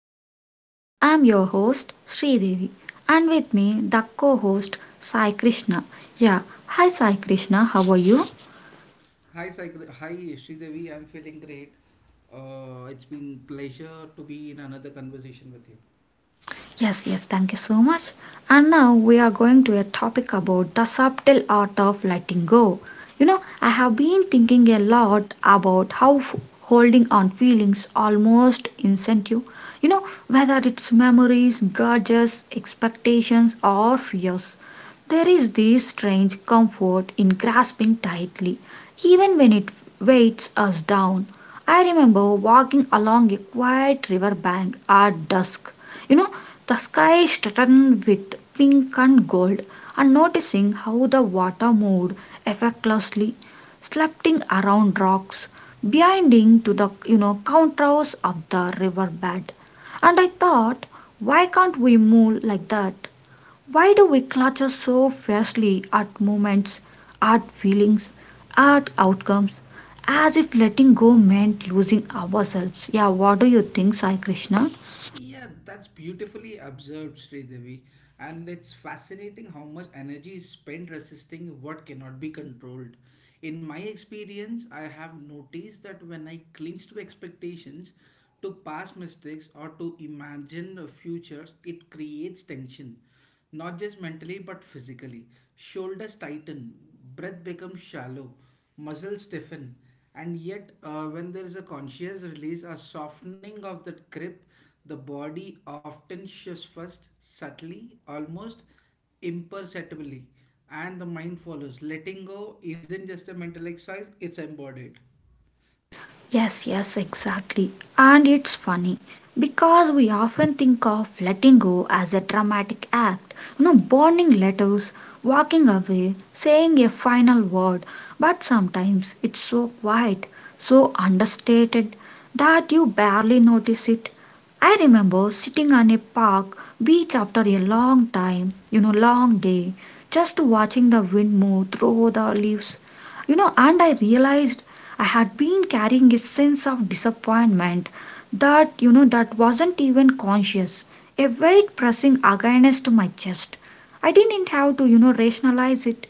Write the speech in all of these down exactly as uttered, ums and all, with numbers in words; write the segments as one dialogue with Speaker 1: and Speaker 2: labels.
Speaker 1: to the podcast. I'm your host Sridevi and with me the co-host Sai Krishna. Yeah, hi Sai Krishna, how are you? Yes, yes, thank you so much. And now we are going to a topic about the subtle art of letting go. You know, I have been thinking a lot about how f- holding on feelings almost incentive, you know, whether it's memories, grudges, expectations, or fears. There is this strange comfort in grasping tightly, even when it weighs us down. I remember walking along a quiet river bank at dusk, you know, the sky is streaked with pink and gold, and noticing how the water moved effortlessly, slapping around rocks, binding to the you know contours of the river bed. And I thought, why can't we move like that? Why do we clutch so fiercely at moments, at feelings, at outcomes, as if letting go meant losing ourselves? Yeah, what do you think, Sai Krishna? Yes, yes, exactly. And it's funny because we often think of letting go as a dramatic act, you know, burning letters, walking away, saying a final word, but sometimes it's so quiet, so understated that you barely notice it. I remember sitting on a park beach after a long time, you know, long day, just watching the wind move through the leaves you know and I realized I had been carrying a sense of disappointment that you know that wasn't even conscious, a weight pressing against my chest. I didn't have to you know rationalize it.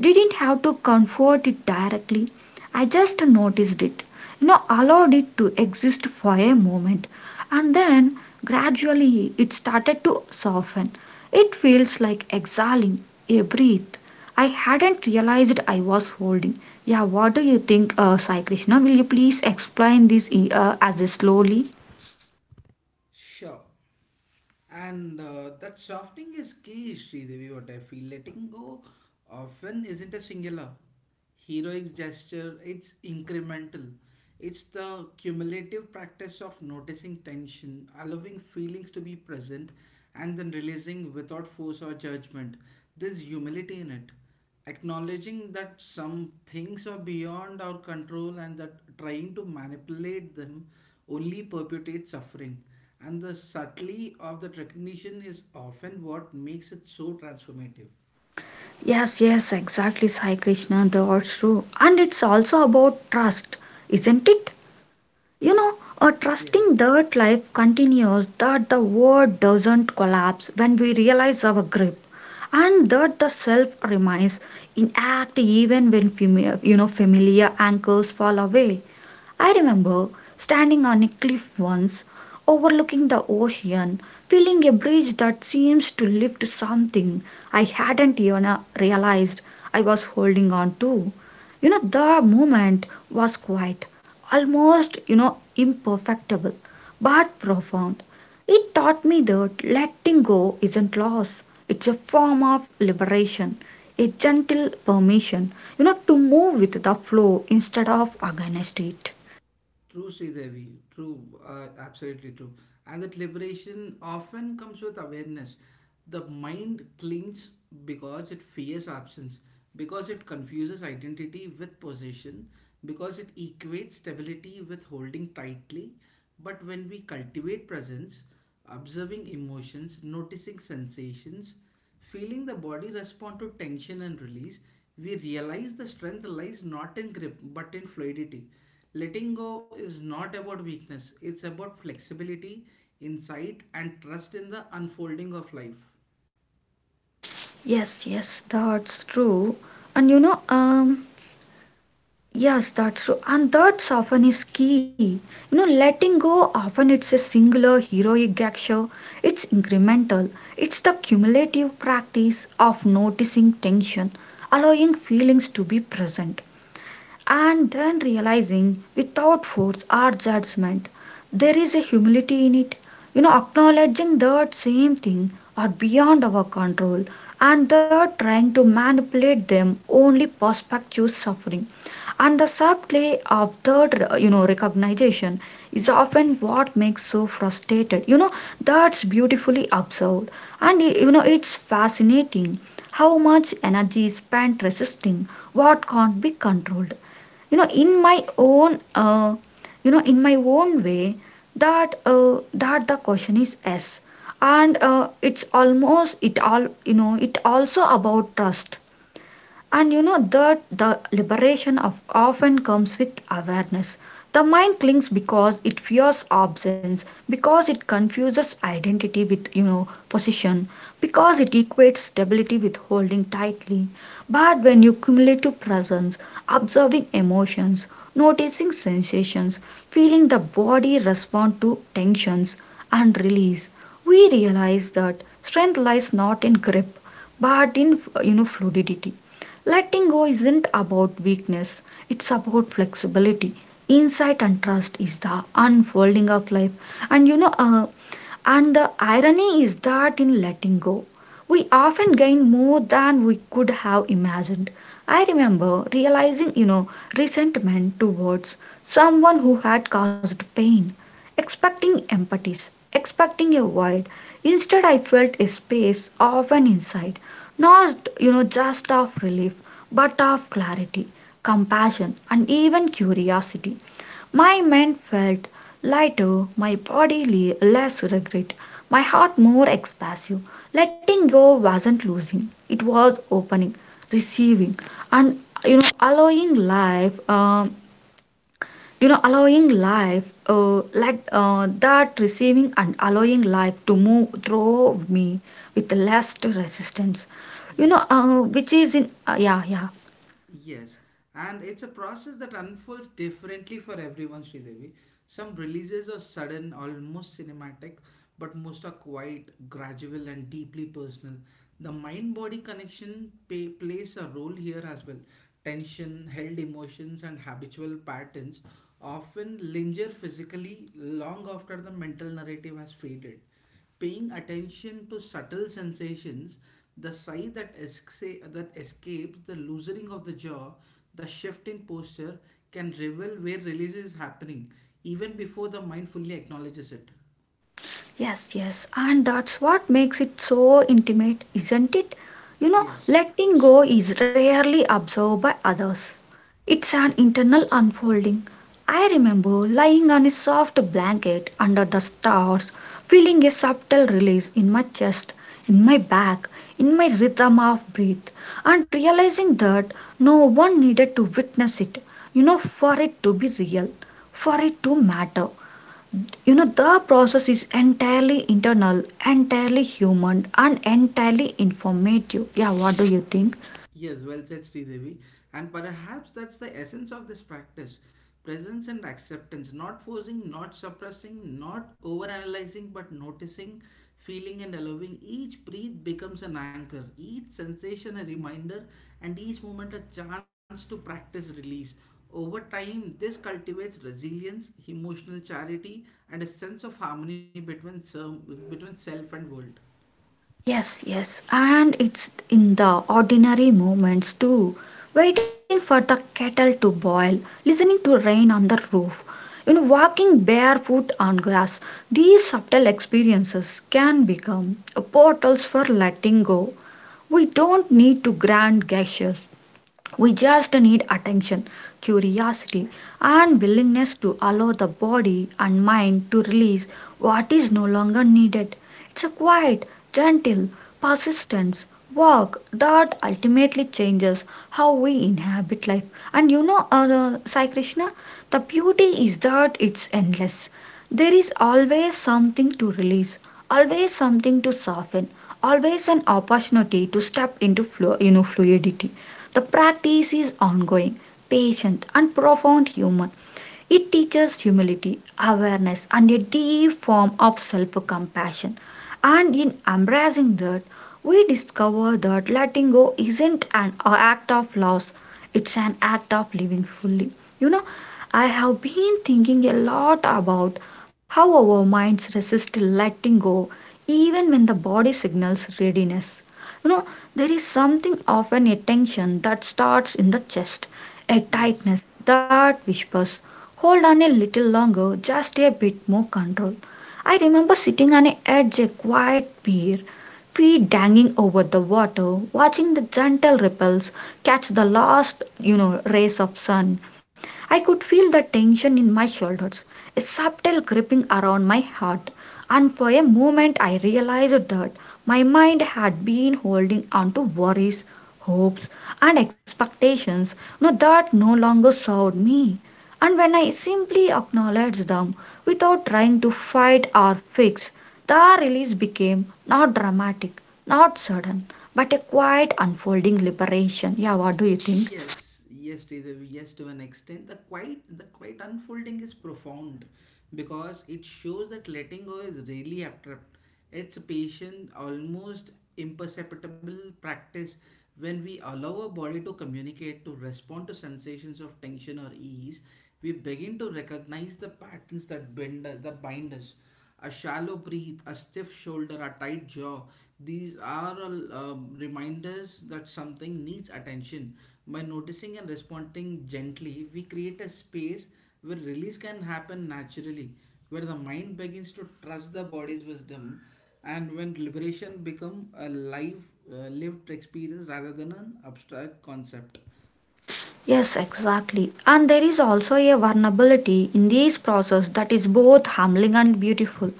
Speaker 1: Didn't have to confront it directly. I just noticed it. You know, allowed it to exist for a moment. And then gradually it started to soften. It feels like exhaling a breath I hadn't realized I was holding. Yeah, what do you think, uh, Sai Krishna? Will you please explain this e, uh, as slowly? Yes, yes, exactly, Sai Krishna. That's true. And it's also about trust, isn't it? You know, uh, Trusting that life continues, that the world doesn't collapse when we realize our grip, and that the self remains intact even when fami- you know familiar anchors fall away. I remember standing on a cliff once, overlooking the ocean, feeling a breeze that seems to lift something I hadn't even uh, realized I was holding on to. You know, the moment was quiet, almost, you know, imperfectible, but profound. It taught me that letting go isn't loss, it's a form of liberation, a gentle permission, you know, to move with the flow instead of against it. Yes, yes, that's true. And you know, um, yes, that's true. And that's often is key. You know, letting go often it's a singular heroic gesture. It's incremental. It's the cumulative practice of noticing tension, allowing feelings to be present and then realizing without force or judgment there is a humility in it, you know acknowledging that same thing are beyond our control and that trying to manipulate them only perpetuates suffering, and the subtlety of that you know recognition is often what makes so frustrated. You know that's beautifully observed. And you know, it's fascinating how much energy is spent resisting what can't be controlled. you know in my own uh, you know in my own way, that uh, that the question is yes. And uh, it's almost it all, you know it also about trust. And you know that the liberation of often comes with awareness. The mind clings because it fears absence, because it confuses identity with, you know position, because it equates stability with holding tightly. But when you cumulative presence, observing emotions, noticing sensations, feeling the body respond to tensions and release, we realize that strength lies not in grip but in, you know fluidity. Letting go isn't about weakness, it's about flexibility. Insight and trust is the unfolding of life. And you know, uh, and the irony is that in letting go, we often gain more than we could have imagined. I remember realizing, you know, resentment towards someone who had caused pain, expecting empathies, expecting a void. Instead, I felt a space, often inside, not, you know, just of relief, but of clarity, compassion, and even curiosity. My mind felt lighter, my body le- less regret, my heart more expansive. Letting go wasn't losing, it was opening, receiving, and, you know, allowing life. Um, you know allowing life uh, like uh, that receiving and allowing life to move through me with less resistance, you know uh, which is in uh, yeah yeah yes, yes, and that's what makes it so intimate, isn't it? you know Letting go is rarely observed by others. It's an internal unfolding. I remember lying on a soft blanket under the stars, feeling a subtle release in my chest, in my back, in my rhythm of breath, and realizing that no one needed to witness it, you know, for it to be real, for it to matter. You know, the process is entirely internal, entirely human, and entirely informative. Yeah, what do you think? Yes, yes, and it's in the ordinary moments too. Waiting for the kettle to boil, listening to rain on the roof, you know, walking barefoot on grass. These subtle experiences can become portals for letting go. We don't need to grand gestures. We just need attention, curiosity, and willingness to allow the body and mind to release what is no longer needed. It's a quiet, gentle, persistent work that ultimately changes how we inhabit life. And you know, uh, Sai Krishna, the beauty is that it's endless. There is always something to release, always something to soften, always an opportunity to step into flu- you know, fluidity. The practice is ongoing, patient, and profound humor it teaches humility, awareness, and a deep form of self compassion. And in embracing that, we discover that letting go isn't an act of loss, it's an act of living fully. You know, I have been thinking a lot about how our minds resist letting go even when the body signals readiness. You know, there is something of an attention that starts in the chest, a tightness that whispers, hold on a little longer, just a bit more control. I remember sitting on a edge, a quiet pier, feet dangling over the water, watching the gentle ripples catch the last, you know, rays of sun. I could feel the tension in my shoulders, a subtle gripping around my heart, and for a moment I realized that my mind had been holding on to worries, hopes, and expectations, no, that no longer served me. And when I simply acknowledge them without trying to fight or fix, the release became not dramatic, not sudden, but a quiet unfolding liberation. Yeah, what do you think? Yes, exactly. And there is also a vulnerability in this process that is both humbling and beautiful.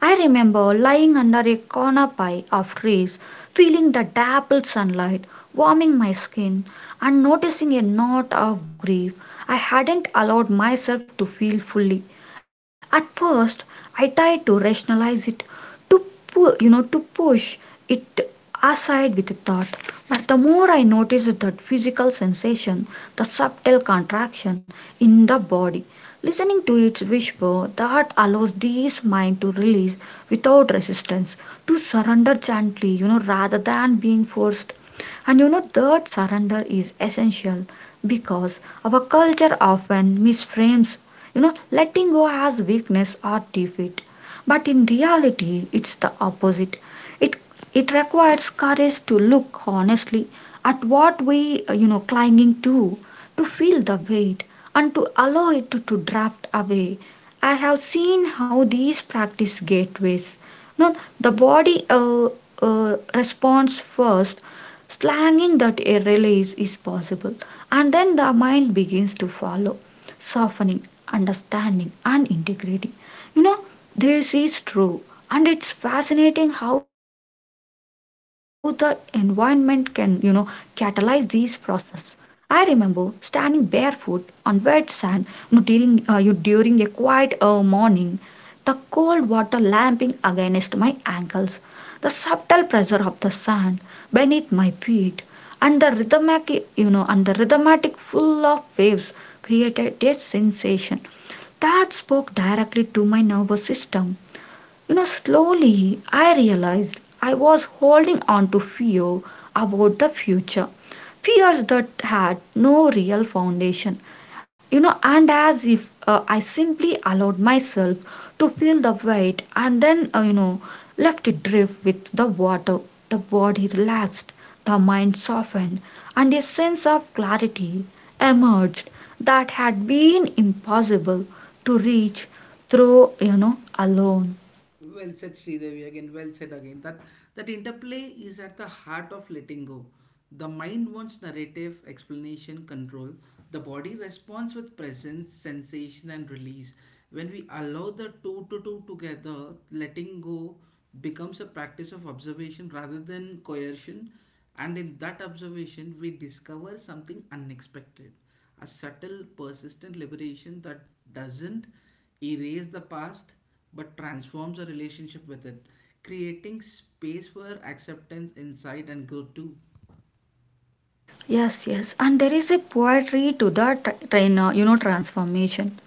Speaker 1: I remember lying under a corner pie of trees, feeling the dappled sunlight warming my skin, and noticing a knot of grief I hadn't allowed myself to feel fully. At first, I tried to rationalize it, to pu- you know to push it aside with thought, but the more I noticed that physical sensation, the subtle contraction in the body, listening to its whisper that allows this mind to release without resistance, to surrender gently, you know rather than being forced. And you know that surrender is essential because our culture often misframes, you know letting go as weakness or defeat, but in reality, it's the opposite. It it requires courage to look honestly at what we uh, you know clinging to, to feel the weight, and to allow it to, to draft away. I have seen how these practice gateways. No, the body uh, uh, responds first, slanging that a release is possible, and then the mind begins to follow, softening, understanding, and integrating. You know, this is true, and it's fascinating how the environment can, you know, catalyze these process. I remember standing barefoot on wet sand, you know, during uh, you during a quiet uh, morning, the cold water lapping against my ankles, the subtle pressure of the sand beneath my feet, and the rhythmic, you know, and the rhythmatic full of waves created a sensation that spoke directly to my nervous system. You know, slowly I realized I was holding on to fear about the future, fears that had no real foundation, you know, and as if uh, I simply allowed myself to feel the weight and then, uh, you know, left it drift with the water. The body relaxed, the mind softened, and a sense of clarity emerged that had been impossible to reach through, you know, alone. Yes, yes. And there is a poetry to the tr- train, uh, you know, transformation.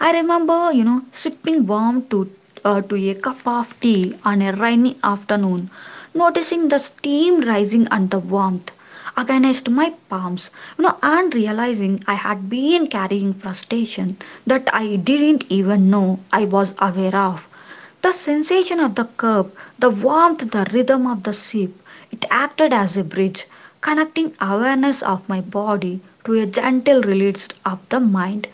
Speaker 1: I remember, you know, sipping warm to, uh, to a cup of tea on a rainy afternoon, noticing the steam rising and the warmth against my palms, you know, and realizing I had been carrying frustration that I didn't even know I was aware of. The sensation of the cup, the warmth, the rhythm of the sip, it acted as a bridge, connecting awareness of my body to a gentle release of the mind.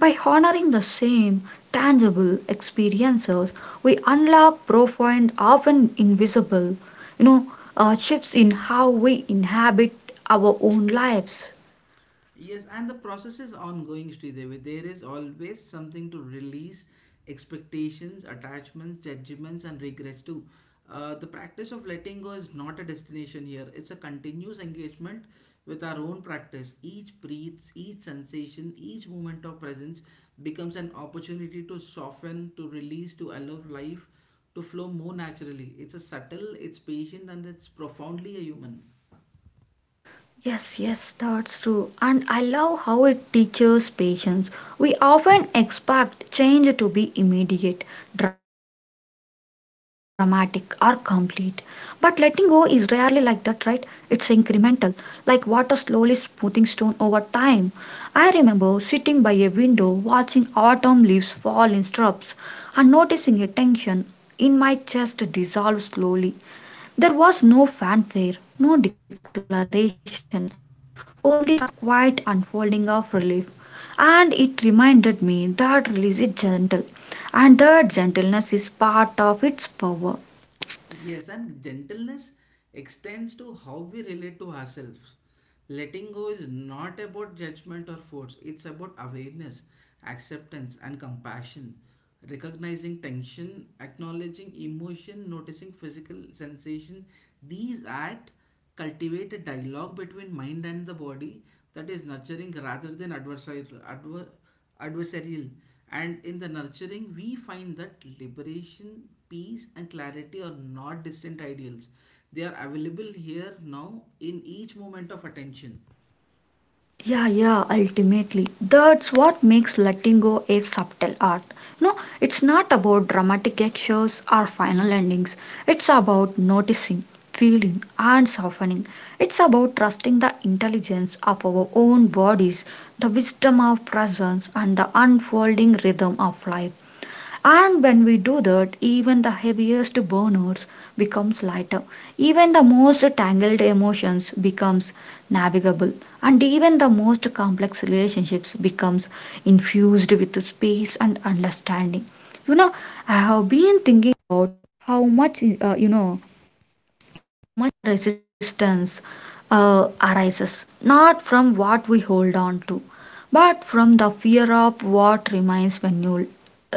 Speaker 1: By honoring the same tangible experiences, we unlock profound, often invisible, you know, uh, shifts in how we inhabit our own lives. Yes, yes, that's true. And I love how it teaches patience. We often expect change to be immediate, dramatic, or complete. But letting go is rarely like that, right? It's incremental, like water slowly smoothing stone over time. I remember sitting by a window watching autumn leaves fall in strips and noticing a tension in my chest dissolve slowly. There was no fanfare, no declaration, only the quiet unfolding of relief. And it reminded me that release is gentle, and that gentleness is part of its power. Yeah, yeah, ultimately. That's what makes letting go a subtle art. No, it's not about dramatic actions or final endings. It's about noticing, feeling, and softening. It's about trusting the intelligence of our own bodies, the wisdom of presence, and the unfolding rhythm of life. And when we do that, even the heaviest burners becomes lighter. Even the most tangled emotions becomes navigable. And even the most complex relationships becomes infused with space and understanding. You know, I have been thinking how much uh, you know resistance uh, arises not from what we hold on to, but from the fear of what remains when you,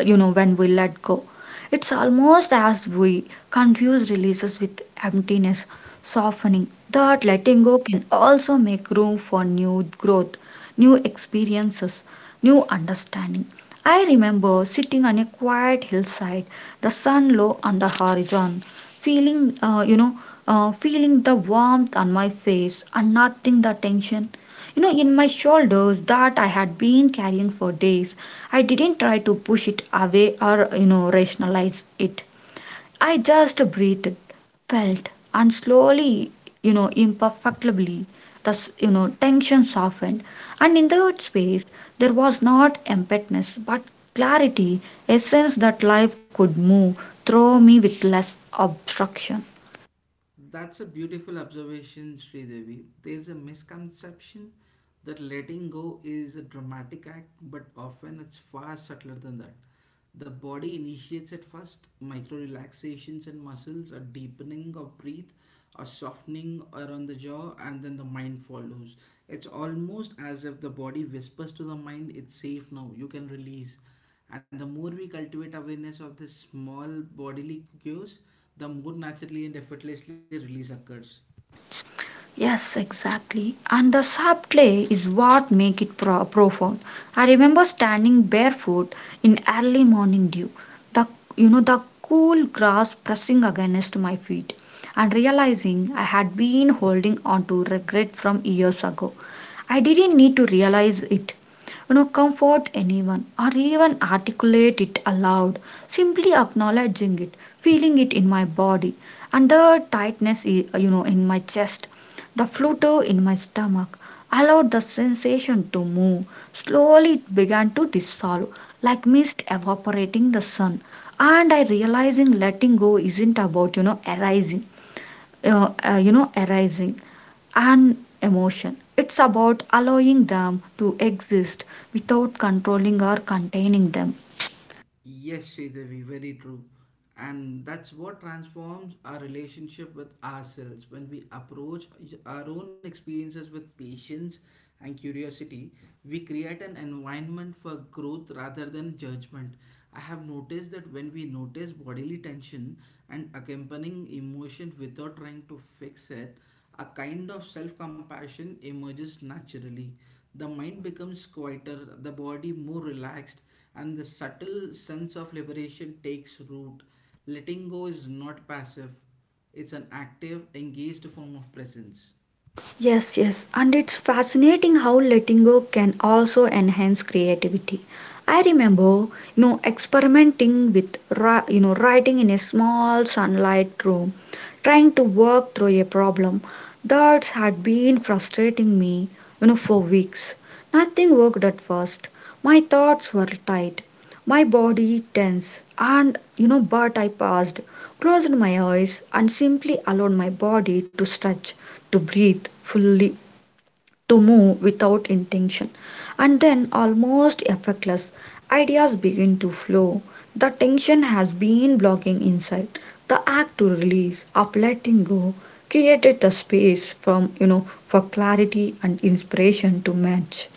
Speaker 1: you know, when we let go. It's almost as we confuse releases with emptiness, softening. That letting go can also make room for new growth, new experiences, new understanding. I remember sitting on a quiet hillside, the sun low on the horizon, feeling uh, you know uh, feeling the warmth on my face and nothing the tension you know in my shoulders that I had been carrying for days. I didn't try to push it away or you know rationalize it. I just breathed, felt, and slowly, you know, imperfectly, the s- you know tension softened, and in that space there was not emptiness but clarity, a sense that life could move through me with less obstruction. Yes, exactly. And the soft clay is what make it pro- profound. I remember standing barefoot in early morning dew, the you know the cool grass pressing against my feet, and realizing I had been holding on to regret from years ago. I didn't need to realize it, you know, comfort anyone or even articulate it aloud. Simply acknowledging it, feeling it in my body, and the tightness, i- you know, in my chest, the flutter in my stomach, allowed the sensation to move. Slowly it began to dissolve, like mist evaporating the sun. And I realizing letting go isn't about, you know, arising, uh, uh, you know, arising an emotion. It's about allowing them to exist without controlling or containing them. Yes, yes, and it's fascinating how letting go can also enhance creativity. I remember, you know, experimenting with, ri- you know, writing in a small sunlight room, trying to work through a problem that had been frustrating me, you know, for weeks. Nothing worked at first. My thoughts were tight, my body tense, and you know but I paused, closed my eyes and simply allowed my body to stretch, to breathe fully, to move without intention. And then almost effortless ideas begin to flow. The tension has been blocking inside. The act to release of letting go created the space from you know for clarity and inspiration to match.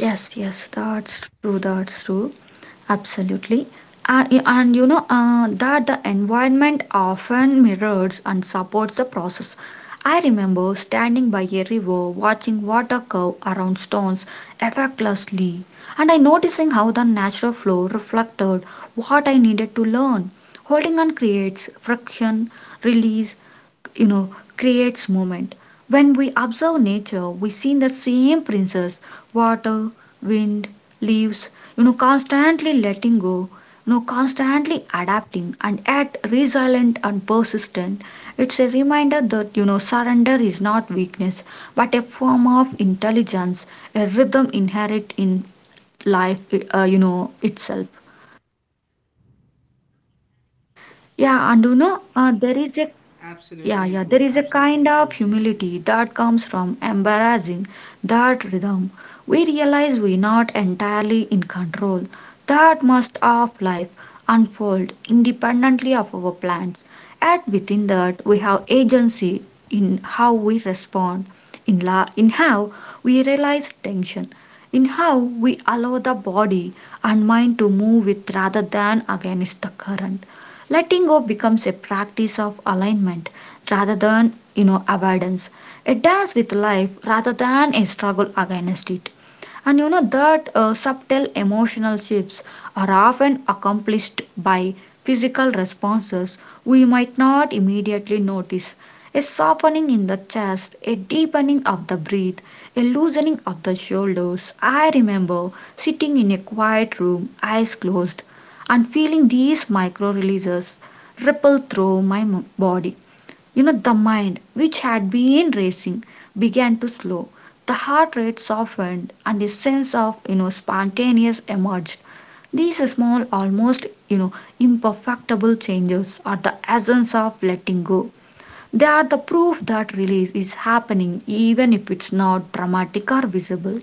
Speaker 1: Yes, yes, that's true, that's true. Absolutely. Uh, y- and you know uh, that the environment often mirrors and supports the process. I remember standing by a river watching water curve around stones effortlessly, and I noticing how the natural flow reflected what I needed to learn. Holding on creates friction, release, you know creates movement. When we observe nature we see the same principles: water, wind, leaves, you know constantly letting go, you know constantly adapting and yet resilient and persistent. It's a reminder that you know surrender is not weakness but a form of intelligence, a rhythm inherent in life uh, you know itself. yeah and you know uh, there is a Yeah, yeah, there is a kind of humility that comes from embracing that rhythm. We realize we're not entirely in control. That must of life unfold independently of our plans. And within that, we have agency in how we respond, in, la- in how we realize tension, in how we allow the body and mind to move with rather than against the current. Letting go becomes a practice of alignment rather than you know avoidance. It dance with life rather than a struggle against it. And you know that uh, subtle emotional shifts are often accomplished by physical responses we might not immediately notice: a softening in the chest, a deepening of the breath, a loosening of the shoulders. I remember sitting in a quiet room, eyes closed, and feeling these micro releases ripple through my m- body. You know, the mind, which had been racing, began to slow. The heart rate softened, and a sense of, you know, spontaneous emerged. These small, almost, you know, imperfectible changes are the essence of letting go. They are the proof that release is happening, even if it's not dramatic or visible.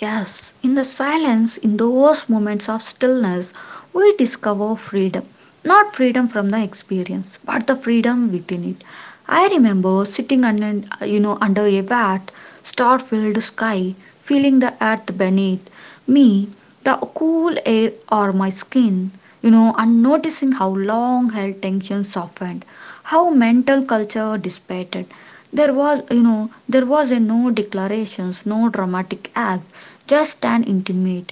Speaker 1: Yes, in the silence, in those moments of stillness, we discover freedom. Not freedom from the experience, but the freedom within it. I remember sitting under, you know, under a vast, star-filled sky, feeling the earth beneath me, the cool air or my skin, you know, and noticing how long-held tension softened, how mental culture dissipated. There was, you know, there was a no declarations, no dramatic act, just an intimate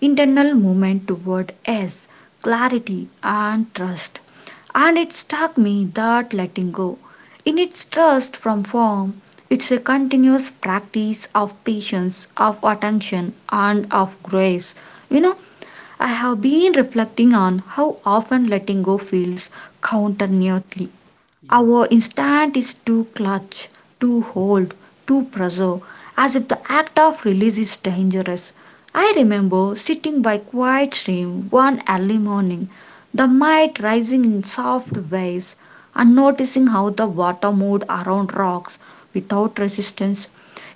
Speaker 1: internal movement toward ease, clarity, and trust. And it struck me that letting go, in its trust from form, it's a continuous practice of patience, of attention, and of grace. You know, I have been reflecting on how often letting go feels counterintuitively. Our instinct is to clutch, to hold, to preserve, as if the act of release is dangerous. I remember sitting by quiet stream one early morning, the mite rising in soft waves, and noticing how the water moved around rocks without resistance.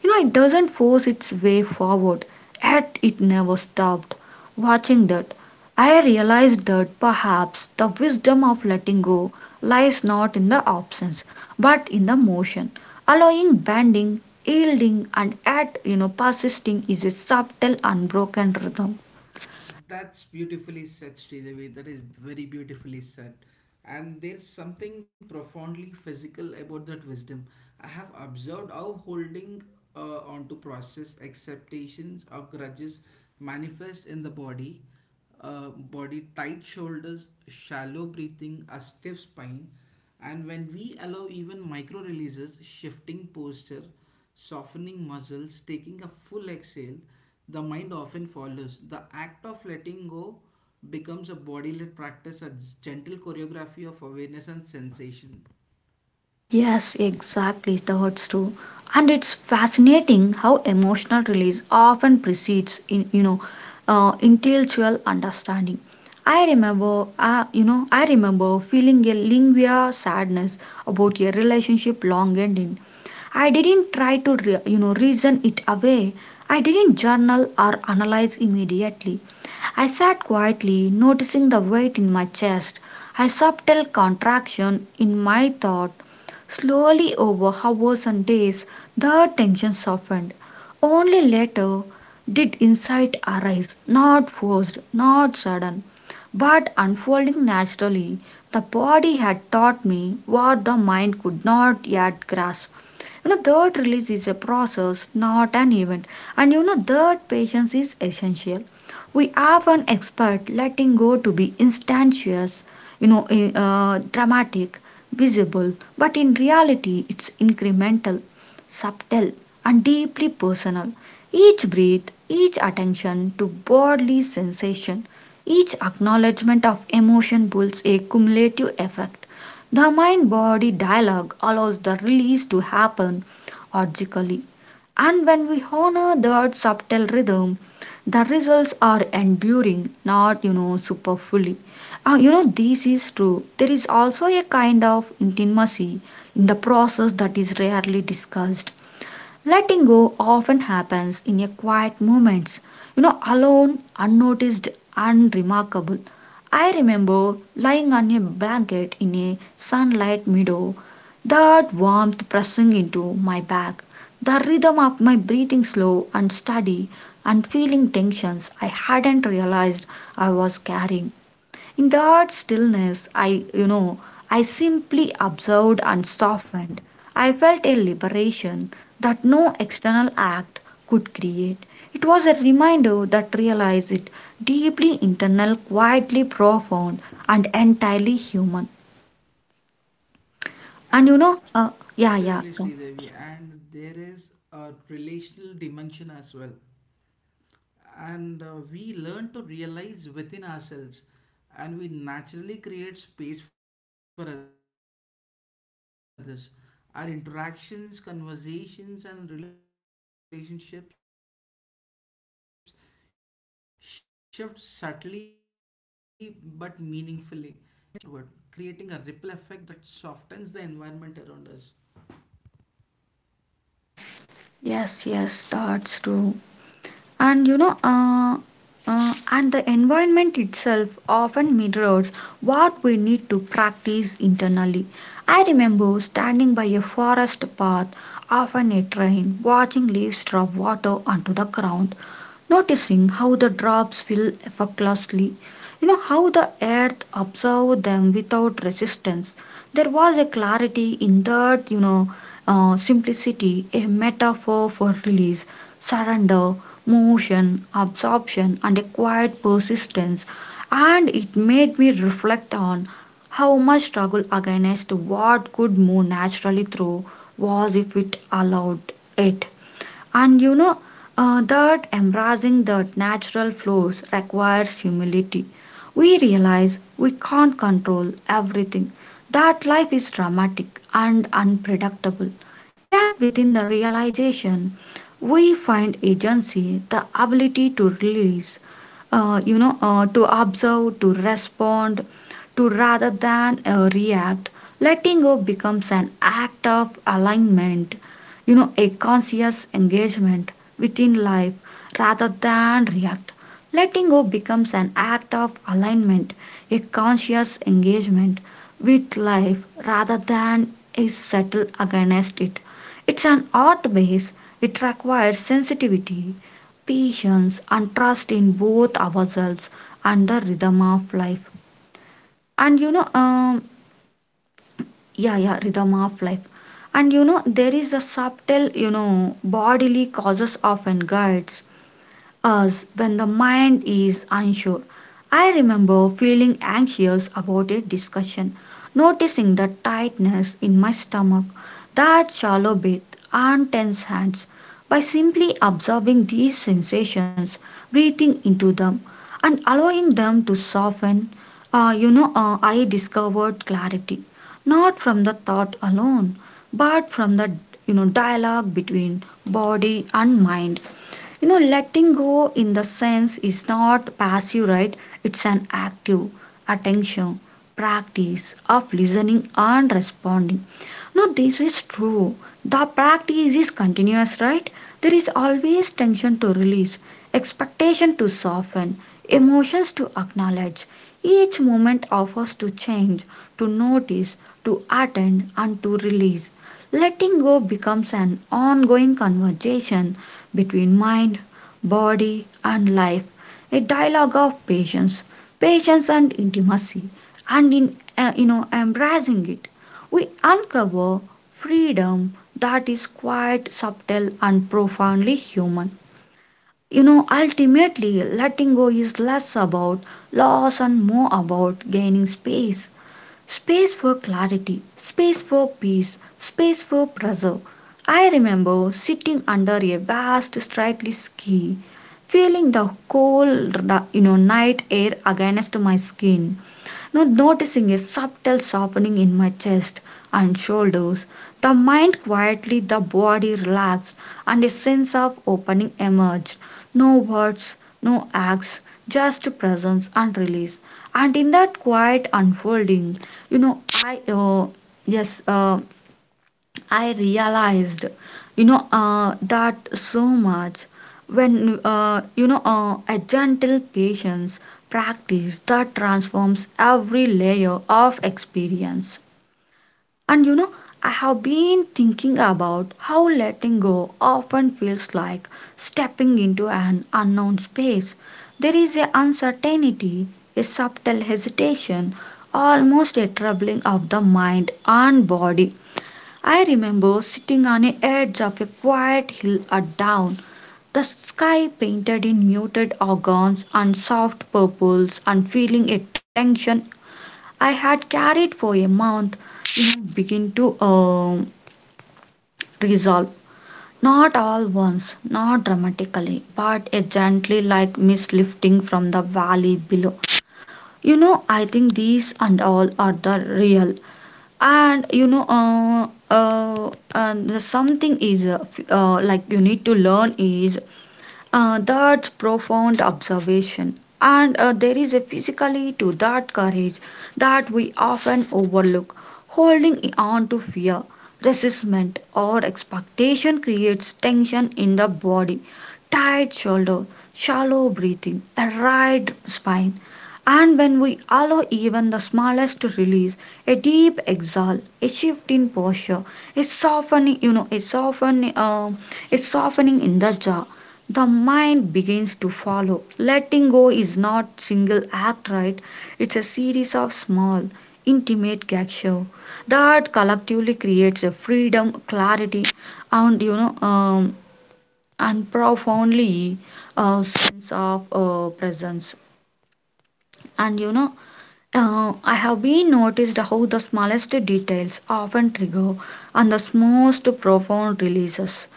Speaker 1: you know, It doesn't force its way forward, yet it never stopped. Watching that, I realized that perhaps the wisdom of letting go lies not in the absence, but in the motion. Allowing bending, yielding, and yet, you know, persisting is a subtle, unbroken rhythm. Yes, exactly. That's true. And it's fascinating how emotional release often precedes, in, you know, uh, intellectual understanding. I remember, uh, you know, I remember feeling a lingua sadness about a relationship long ending. I didn't try to, re- you know, reason it away. I didn't journal or analyze immediately. I sat quietly, noticing the weight in my chest, a subtle contraction in my thought. Slowly over hours and days the tension softened. Only later did insight arise, not forced, not sudden, but unfolding naturally. The body had taught me what the mind could not yet grasp. You know, that release is a process, not an event. And you know, that patience is essential. We often expect letting go to be instantaneous, you know, eh, uh, dramatic, visible, but in reality it's incremental, subtle, and deeply personal. Each breath, each attention to bodily sensation, each acknowledgement of emotion builds a cumulative effect. The mind body dialogue allows the release to happen organically. And when we honor that subtle rhythm, the results are enduring, not you know superfluous. Ah, you know, this is true. There is also a kind of intimacy in the process that is rarely discussed. Letting go often happens in a quiet moments, you know, alone, unnoticed, unremarkable. I remember lying on a blanket in a sunlight meadow, that warmth pressing into my back, the rhythm of my breathing slow and steady, and feeling tensions I hadn't realized I was carrying. In that stillness, I, you know, I simply observed and softened. I felt a liberation that no external act could create. It was a reminder that realized it deeply internal, quietly profound, and entirely human. And you know, uh, yeah, yeah, Yes, yes, that's true. And you know uh, uh, And the environment itself often mirrors what we need to practice internally. I remember standing by a forest path, often a train, watching leaves drop water onto the ground, noticing how the drops fell effortlessly, you know how the earth absorbed them without resistance. There was a clarity in that you know uh, simplicity, a metaphor for release, surrender, motion, absorption, and a quiet persistence. And it made me reflect on how much struggle against what could move naturally through was if it allowed it. And you know uh, that embracing that natural flows requires humility. We realize we can't control everything, that life is dramatic and unpredictable. Yet, within the realization, we find agency, the ability to release, uh, you know, uh, to observe, to respond, to rather than uh, react. Letting go becomes an act of alignment, you know a conscious engagement within life rather than react. Letting go becomes an act of alignment, a conscious engagement with life rather than a settle against it. It's an art base. It requires sensitivity, patience, and trust in both ourselves and the rhythm of life. And you know um, Yeah, yeah, rhythm of life. And you know there is a subtle, you know bodily causes often guides us when the mind is unsure. I remember feeling anxious about a discussion, noticing the tightness in my stomach, that shallow breath, and tense hands. By simply observing these sensations, breathing into them, and allowing them to soften, uh, you know, uh, I discovered clarity, not from the thought alone, but from the you know dialogue between body and mind. You know letting go in the sense is not passive, right? It's an active attention practice of listening and responding. No, this is true. The practice is continuous, right? There is always tension to release, expectation to soften, emotions to acknowledge. Each moment offers to change, to notice, to attend, and to release. Letting go becomes an ongoing conversation between mind, body, and life, a dialogue of patience, patience and intimacy, and in uh, you know embracing it, we uncover freedom that is quite subtle and profoundly human. You know, ultimately, letting go is less about loss and more about gaining space. Space for clarity, space for peace, space for preserve. I remember sitting under a vast stately sky, feeling the cold, you know, night air against my skin. Not noticing a subtle softening in my chest and shoulders, the mind quietly, the body relaxed, and a sense of opening emerged. No words, no acts, just presence and release. And in that quiet unfolding, you know, I, uh, yes, uh, I realized, you know, uh, that so much when, uh, you know, uh, a gentle patience practice that transforms every layer of experience. And, you know, I have been thinking about how letting go often feels like stepping into an unknown space. There is a uncertainty, a subtle hesitation, almost a troubling of the mind and body. I remember sitting on the edge of a quiet hill at dawn, the sky painted in muted organs and soft purples, and feeling a tension I had carried for a month begin to um, resolve. Not all once, not dramatically, but a gently like mist lifting from the valley below. You know, I think these and all are the real. And you know uh, uh, uh, The something is uh, f- uh, like you need to learn is uh, that's profound observation. And uh, there is a physically to that courage that we often overlook. Holding on to fear, resistment, or expectation creates tension in the body. Tight shoulder, shallow breathing, a wide spine. And when we allow even the smallest release, a deep exhale, a shift in posture, a softening, you know, a softening, um, a softening in the jaw, the mind begins to follow. Letting go is not single act, right? It's a series of small, intimate gesture that collectively creates a freedom, clarity, and you know, um, and profoundly a sense of uh, presence. And you know, uh, I have been noticed how the smallest details often trigger and the most profound releases.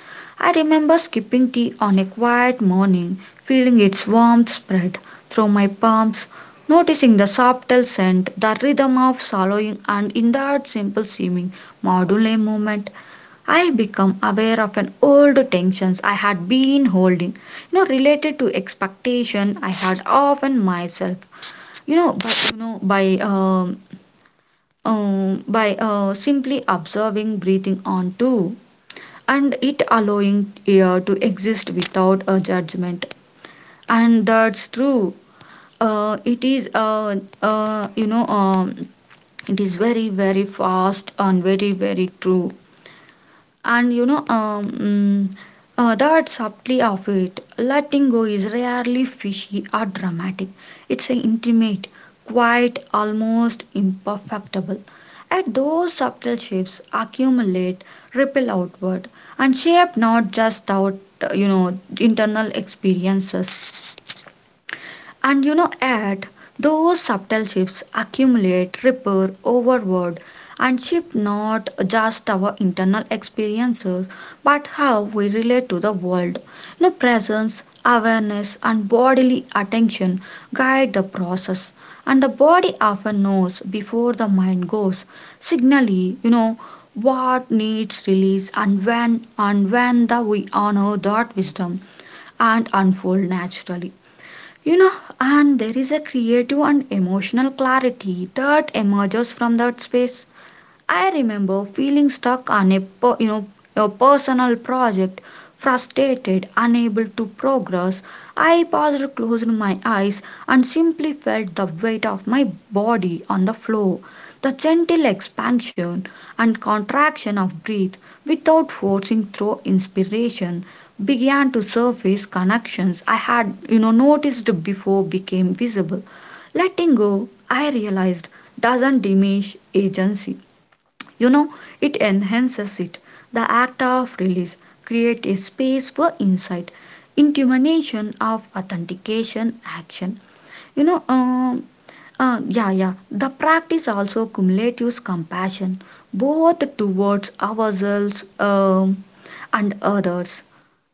Speaker 1: I remember skipping tea on a quiet morning, feeling its warmth spread through my palms, noticing the subtle scent, the rhythm of swallowing, and in that simple seeming module movement, I become aware of an old tensions I had been holding, you know, related to expectation I had of myself. You know by you know by um, um by uh, simply observing breathing on too and it allowing air to exist without a judgment. And that's true. Uh, It is uh, uh, you know um, it is very very fast and very very true. And you know um, mm, uh, That subtlety of it letting go is rarely fishy or dramatic. It's an intimate, quiet, almost imperfectible. At those subtle shifts accumulate, ripple outward, and shape not just out, you know internal experiences. And you know, at those subtle shifts accumulate, repair, overward, and shift not just our internal experiences, but how we relate to the world. You know, presence, awareness, and bodily attention guide the process. And the body often knows before the mind goes, signally, you know, what needs release and when, and when the we honor that wisdom and unfold naturally. you know and there is a creative and emotional clarity that emerges from that space. I remember feeling stuck on a per, you know a personal project, frustrated, unable to progress. I paused, closed my eyes, and simply felt the weight of my body on the floor, the gentle expansion and contraction of breath without forcing through inspiration, began to surface connections I had you know noticed before, became visible. Letting go, I realized, doesn't diminish agency, you know it enhances it. The act of release create a space for insight, intimation of authentication action. you know um, uh, yeah, yeah, the practice also cumulates compassion both towards ourselves, um, and others.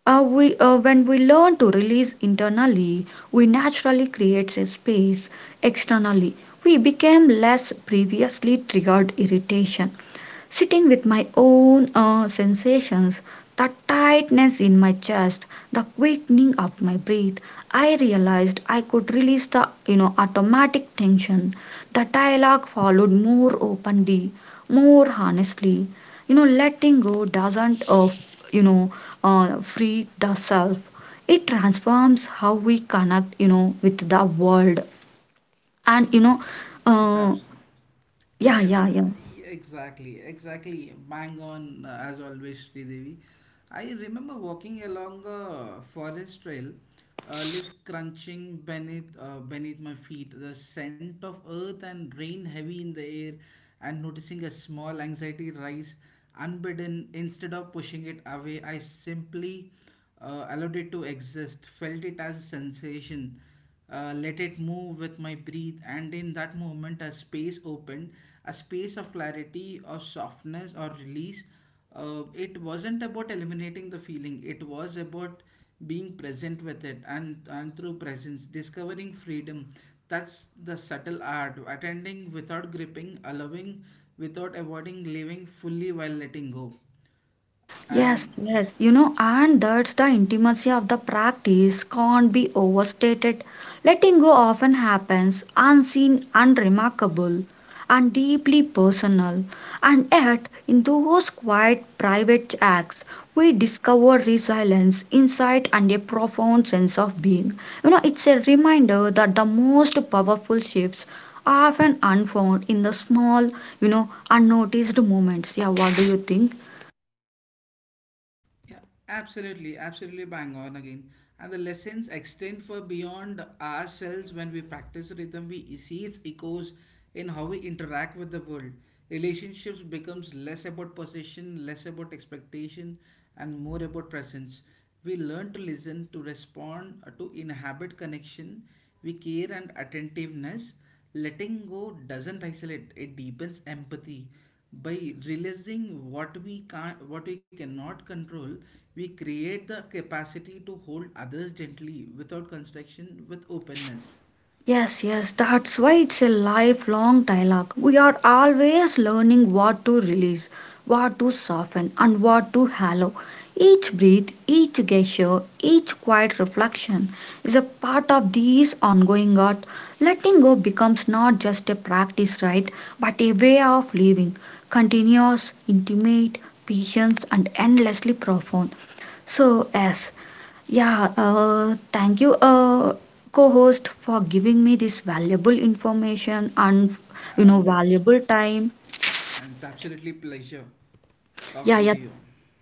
Speaker 1: Uh, we, uh, when we learn to release internally, we naturally create a space externally. We become less previously triggered irritation. Sitting with my own uh, sensations, the tightness in my chest, the quickening of my breath, I realized I could release the you know automatic tension. The dialogue followed more openly, more honestly. You know, letting go doesn't uh, you know uh, free the self. It transforms how we connect, you know with the world. And you know,
Speaker 2: Yes,
Speaker 1: uh,
Speaker 2: absolutely.
Speaker 1: yeah,
Speaker 2: Yes, uh,
Speaker 1: yeah, yeah.
Speaker 2: y- exactly, exactly. Bang on, uh, as always, Sridevi. I remember walking along a forest trail, uh, leaves crunching beneath uh, beneath my feet, the scent of earth and rain heavy in the air, and noticing a small anxiety rise unbidden. Instead of pushing it away, I simply uh, allowed it to exist, felt it as a sensation, uh, let it move with my breath. And in that moment a space opened, a space of clarity or softness or release. Uh, it wasn't about eliminating the feeling, it was about being present with it, and and through presence discovering freedom. That's the subtle art: attending without gripping, allowing without avoiding, living fully while letting go.
Speaker 1: Yes,
Speaker 2: And
Speaker 1: yes, you know, and that's the intimacy of the practice can't be overstated. Letting go often happens unseen, unremarkable, and deeply personal. And yet, in those quiet, private acts, we discover resilience, insight, and a profound sense of being. You know, it's a reminder that the most powerful shifts are often unfound in the small, you know, unnoticed moments. Yeah, what do you think?
Speaker 2: yeah, absolutely, absolutely bang on again. And the lessons extend for beyond ourselves when we practice rhythm. We see its echoes in how we interact with the world. Relationships becomes less about possession, less about expectation, and more about presence. We learn to listen, to respond, uh, to inhabit connection. We care and attentiveness. Letting go doesn't isolate, it deepens empathy. By realizing what we can't what we cannot control, we create the capacity to hold others gently without construction, with openness.
Speaker 1: Yes, yes, that's why it's a lifelong dialogue. We are always learning what to release, what to soften, and what to hallow. Each breath, each gesture, each quiet reflection is a part of this ongoing art. Letting go becomes not just a practice, right, but a way of living, continuous, intimate, patient, and endlessly profound. So, yes, yeah, uh, thank you, uh, co-host, for giving me this valuable information and you know
Speaker 2: And it's
Speaker 1: valuable time.
Speaker 2: and it's absolutely pleasure
Speaker 1: Yeah,
Speaker 2: talking to
Speaker 1: yeah,
Speaker 2: you.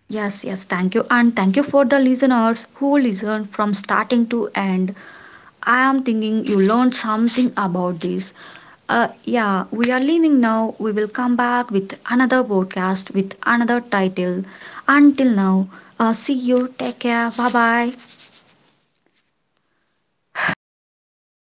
Speaker 1: yes, yes. Thank you, and thank you for the listeners who listened from starting to end. I am thinking you learned something about this. Uh, yeah, we are leaving now. We will come back with another podcast with another title. Until now, uh, see you. Take care. Bye bye.